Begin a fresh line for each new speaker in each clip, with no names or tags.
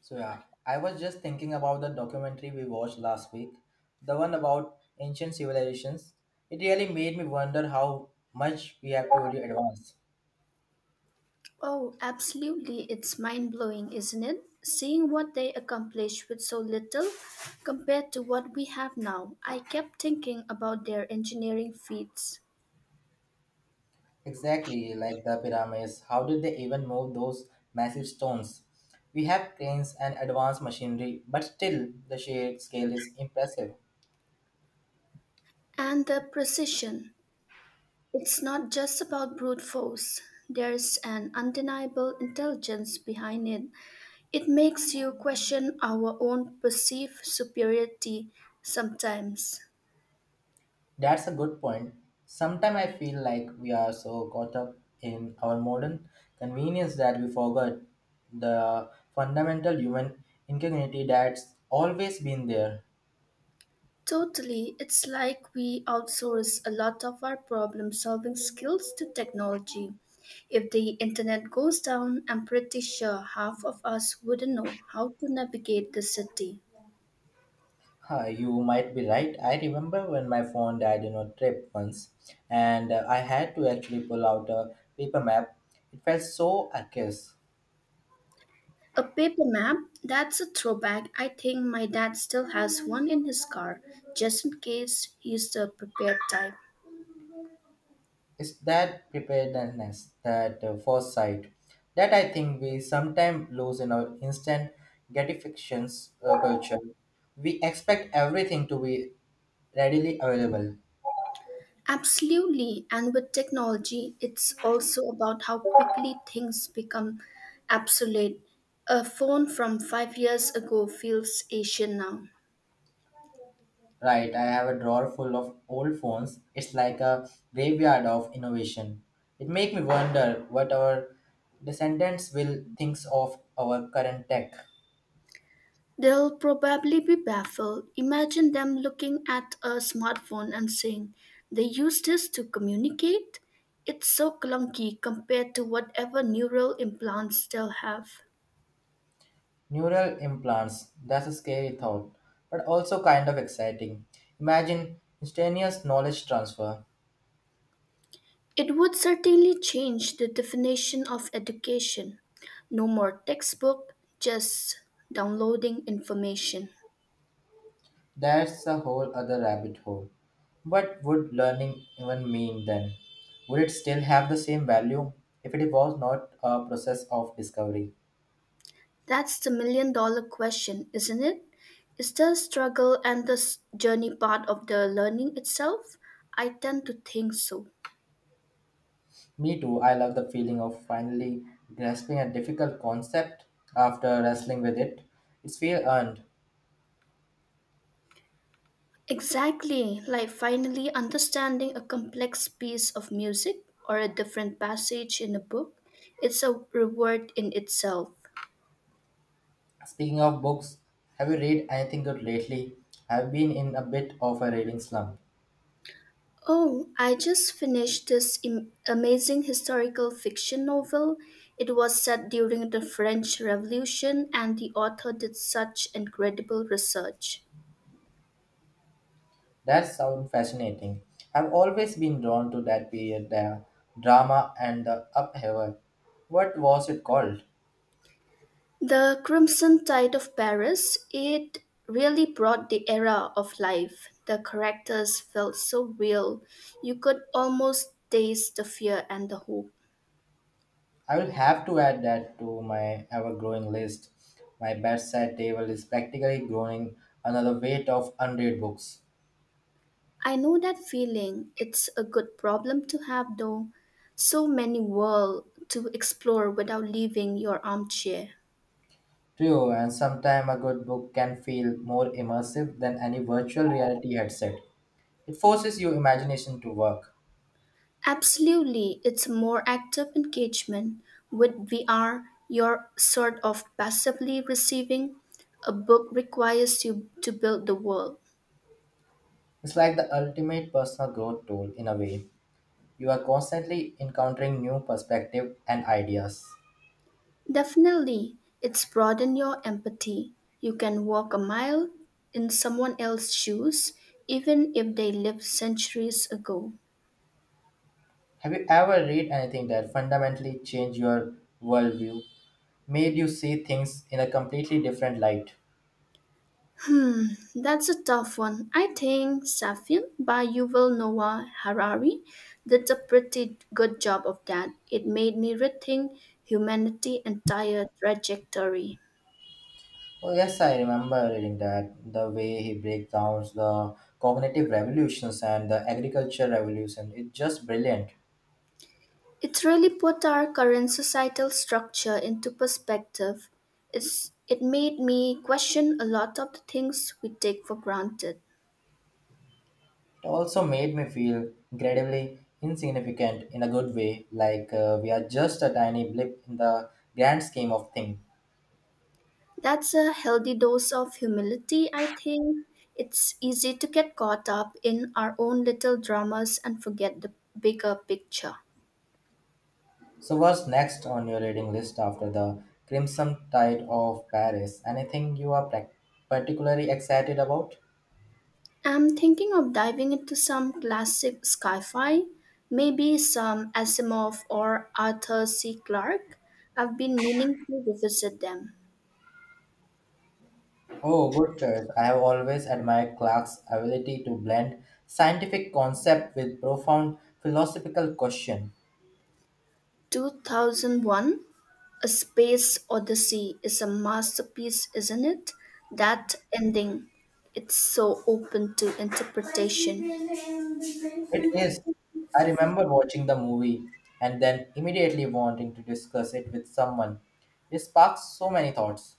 So yeah, I was just thinking about the documentary we watched last week, the one about ancient civilizations. It really made me wonder how much we have truly advanced.
Oh, absolutely. It's mind blowing, isn't it? Seeing what they accomplished with so little compared to what we have now. I kept thinking about their engineering feats
Exactly, like the pyramids, how did they even move those massive stones? We have cranes and advanced machinery, but still the sheer scale is impressive.
and the precision. It's not just about brute force, there's an undeniable intelligence behind it. It makes you question our own perceived superiority sometimes.
That's a good point. Sometimes I feel like we are so caught up in our modern convenience that we forget the fundamental human integrity that's always been there.
Totally, it's like we outsource a lot of our problem solving skills to technology. If the internet goes down, I'm pretty sure half of us wouldn't know how to navigate the city.
Huh, you might be right. I remember when my phone died in a trip once, and I had to actually pull out a paper map. It felt so arcane.
A paper map? That's a throwback. I think my dad still has one in his car, just in case he's the prepared type.
It's that preparedness, that foresight, that I think we sometimes lose in our instant gratifications culture. We expect everything to be readily available.
Absolutely. And with technology, it's also about how quickly things become obsolete. A phone from 5 years ago feels Asian now.
Right, I have a drawer full of old phones. It's like a graveyard of innovation. It makes me wonder what our descendants will think of our current tech.
They'll probably be baffled. Imagine them looking at a smartphone and saying, they use this to communicate? It's so clunky compared to whatever neural implants they'll have.
Neural implants. That's a scary thought, but also kind of exciting. Imagine instantaneous knowledge transfer.
It would certainly change the definition of education. No more textbook, just downloading information.
That's a whole other rabbit hole. What would learning even mean then? Would it still have the same value if it was not a process of discovery?
That's the million-dollar question, isn't it? Is the struggle and the journey part of the learning itself? I tend to think so.
Me too, I love the feeling of finally grasping a difficult concept after wrestling with it. It's feel earned.
Exactly, like finally understanding a complex piece of music or a different passage in a book. It's a reward in itself.
Speaking of books, have you read anything good lately? I've been in a bit of a reading slump.
Oh, I just finished this amazing historical fiction novel. It was set during the French Revolution, and the author did such incredible research.
That sounds fascinating. I've always been drawn to that period, the drama and the upheaval. What was it called?
The Crimson Tide of Paris, it really brought the era of life. The characters felt so real. You could almost taste the fear and the hope.
I will have to add that to my ever growing list. My bedside table is practically growing another weight of unread books.
I know that feeling. It's a good problem to have, though. So many worlds to explore without leaving your armchair.
True, and sometimes a good book can feel more immersive than any virtual reality headset. It forces your imagination to work.
Absolutely, it's more active engagement. With VR, you're sort of passively receiving. A book requires you to build the world.
It's like the ultimate personal growth tool in a way. You are constantly encountering new perspectives and ideas.
Definitely, it's broaden your empathy. You can walk a mile in someone else's shoes, even if they lived centuries ago.
Have you ever read anything that fundamentally changed your worldview, made you see things in a completely different light?
That's a tough one. I think Sapiens by Yuval Noah Harari did a pretty good job of that. It made me rethink humanity's entire trajectory.
Oh, yes, I remember reading that. The way he breaks down the cognitive revolutions and the agriculture revolution is just brilliant.
It really put our current societal structure into perspective. It made me question a lot of the things we take for granted.
It also made me feel incredibly insignificant in a good way, like we are just a tiny blip in the grand scheme of things.
That's a healthy dose of humility, I think. It's easy to get caught up in our own little dramas and forget the bigger picture.
So, what's next on your reading list after The Crimson Tide of Paris? Anything you are particularly excited about?
I'm thinking of diving into some classic sci fi, maybe some Asimov or Arthur C. Clarke. I've been meaning to revisit them.
Oh, good choice. I have always admired Clark's ability to blend scientific concept with profound philosophical question.
2001 A Space Odyssey is a masterpiece, isn't it? That ending, it's so open to interpretation.
It is. I remember watching the movie and then immediately wanting to discuss it with someone. It sparks so many thoughts.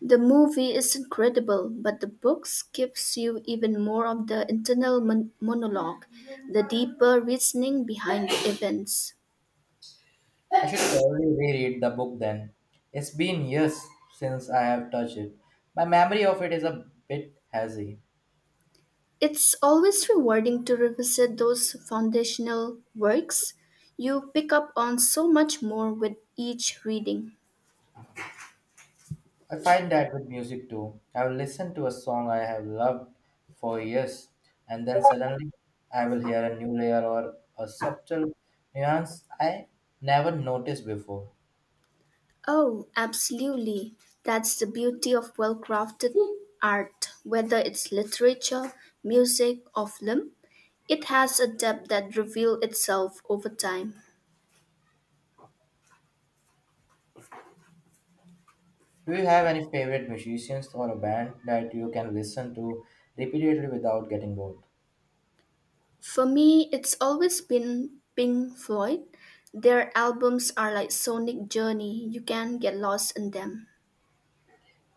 The movie is incredible, but the books gives you even more of the internal monologue, the deeper reasoning behind the events.
I should probably reread the book then. It's been years since I have touched it. My memory of it is a bit hazy.
It's always rewarding to revisit those foundational works. You pick up on so much more with each reading.
I find that with music too. I will listen to a song I have loved for years and then suddenly I will hear a new layer or a subtle nuance I never noticed before.
Oh, absolutely. That's the beauty of well crafted art, whether it's literature, music, or film. It has a depth that reveals itself over time.
Do you have any favorite musicians or a band that you can listen to repeatedly without getting bored?
For me, it's always been Pink Floyd. Their albums are like sonic journey. You can get lost in them.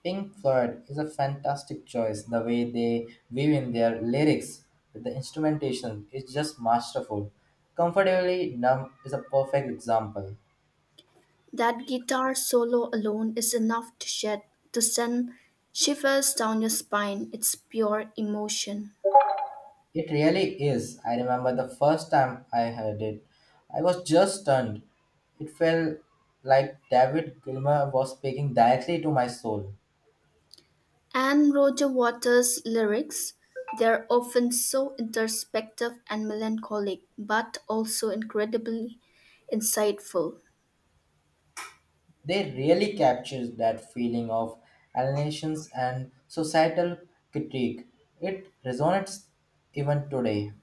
Pink Floyd is a fantastic choice. The way they weave in their lyrics with the instrumentation is just masterful. Comfortably Numb is a perfect example.
That guitar solo alone is enough to send shivers down your spine. It's pure emotion.
It really is. I remember the first time I heard it. I was just stunned. It felt like David Gilmour was speaking directly to my soul.
And Roger Waters' lyrics, they're often so introspective and melancholic, but also incredibly insightful.
They really captures that feeling of alienation and societal critique. It resonates even today.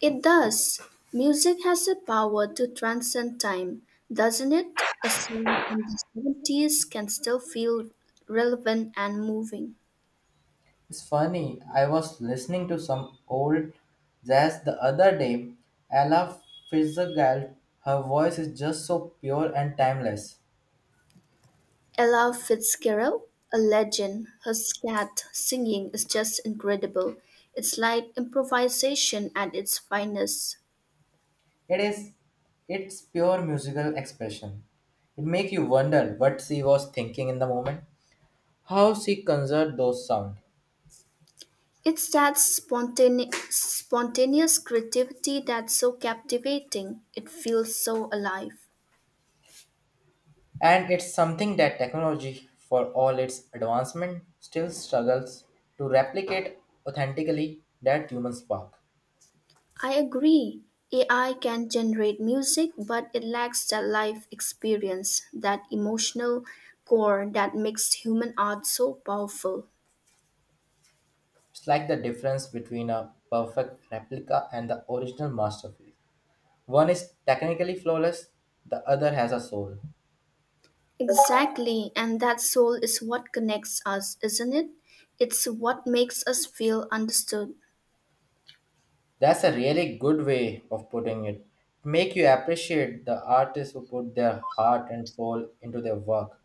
It does. Music has a power to transcend time, doesn't it? A song from the 70s can still feel relevant and moving.
It's funny, I was listening to some old jazz the other day. Ella Fitzgerald, her voice is just so pure and timeless.
Ella Fitzgerald, a legend, her scat singing is just incredible. It's like improvisation at its finest.
It is, it's pure musical expression. It makes you wonder what she was thinking in the moment, how she conjured those sounds.
It's that spontaneous creativity that's so captivating. It feels so alive.
And it's something that technology, for all its advancement, still struggles to replicate authentically that human spark.
I agree. AI can generate music, but it lacks that life experience, that emotional core that makes human art so powerful.
It's like the difference between a perfect replica and the original masterpiece. One is technically flawless, the other has a soul.
Exactly, and that soul is what connects us, isn't it? It's what makes us feel understood.
That's a really good way of putting it. Make you appreciate the artists who put their heart and soul into their work.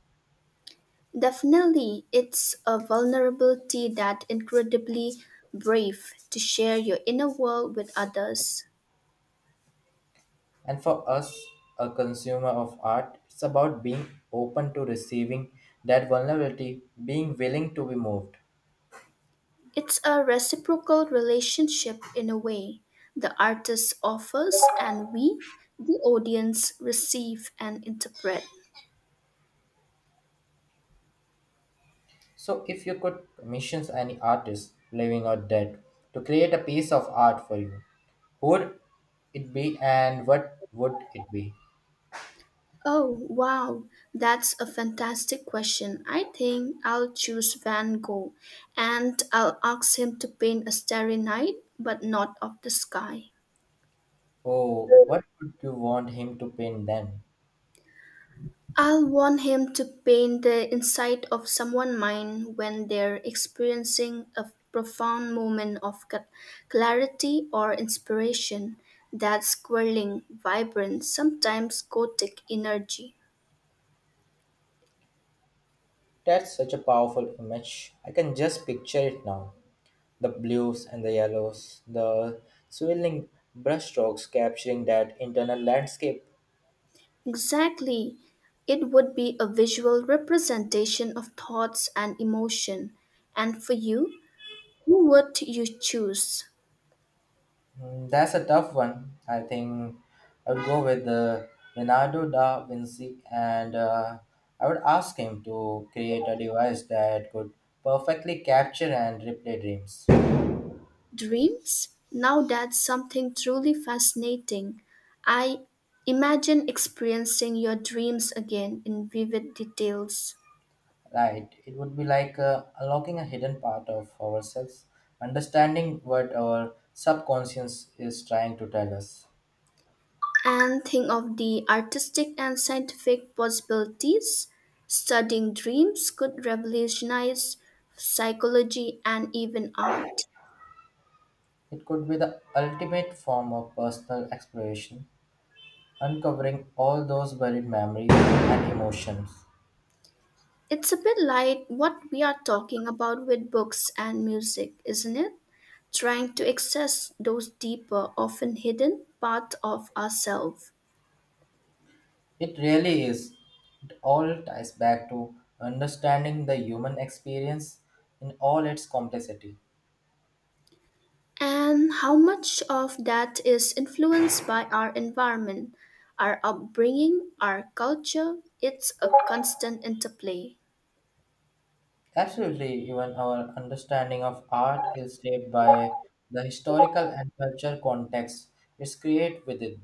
Definitely, it's a vulnerability that incredibly brave to share your inner world with others.
And for us, a consumer of art, it's about being open to receiving that vulnerability, being willing to be moved.
It's a reciprocal relationship in a way. The artist offers, and we, the audience, receive and interpret.
So, if you could commission any artist, living or dead, to create a piece of art for you, who would it be and what would it be?
Oh, wow, that's a fantastic question. I think I'll choose Van Gogh and I'll ask him to paint a starry night, but not of the sky.
Oh, what would you want him to paint then?
I'll want him to paint the inside of someone's mind when they're experiencing a profound moment of clarity or inspiration, that swirling, vibrant, sometimes gothic energy.
That's such a powerful image. I can just picture it now, the blues and the yellows, the swirling brushstrokes capturing that internal landscape.
Exactly. It would be a visual representation of thoughts and emotion. And for you, who would you choose?
That's a tough one. I think I'd go with Leonardo da Vinci and I would ask him to create a device that could perfectly capture and replay dreams.
Dreams? Now that's something truly fascinating. I imagine experiencing your dreams again in vivid details
Right, it would be like unlocking a hidden part of ourselves, understanding what our subconscious is trying to tell us.
and think of the artistic and scientific possibilities. Studying dreams could revolutionize psychology and even art.
It could be the ultimate form of personal exploration, uncovering all those buried memories and emotions.
It's a bit like what we are talking about with books and music, isn't it? Trying to access those deeper, often hidden parts of ourselves.
It really is. It all ties back to understanding the human experience in all its complexity.
And how much of that is influenced by our environment, our upbringing, our culture? It's a constant interplay.
Absolutely, even our understanding of art is shaped by the historical and cultural context it's created within.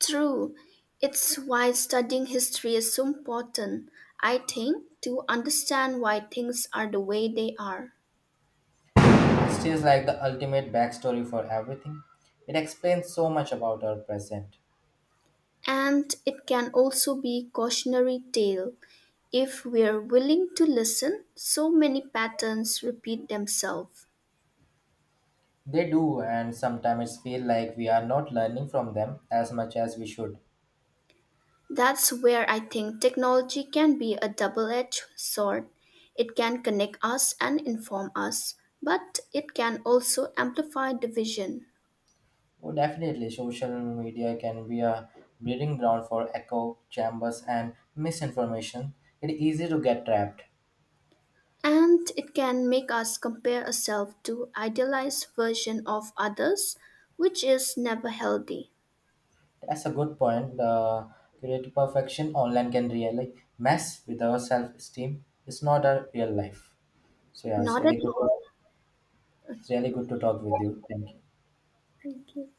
True, it's why studying history is so important, I think, to understand why things are the way they are.
It is like the ultimate backstory for everything. It explains so much about our present.
And it can also be cautionary tale. If we're willing to listen, so many patterns repeat themselves.
They do, and sometimes feel like we are not learning from them as much as we should.
That's where I think technology can be a double edged sword. It can connect us and inform us, but it can also amplify division.
Oh, definitely, social media can be a breeding ground for echo chambers and misinformation. It is easy to get trapped.
And it can make us compare ourselves to idealized version of others, which is never healthy.
That's a good point. The creative perfection online can really mess with our self-esteem. It's not a real life. So yeah, it's
Not at
really good.
all.
It's really good to talk with you. Thank you.
Thank you.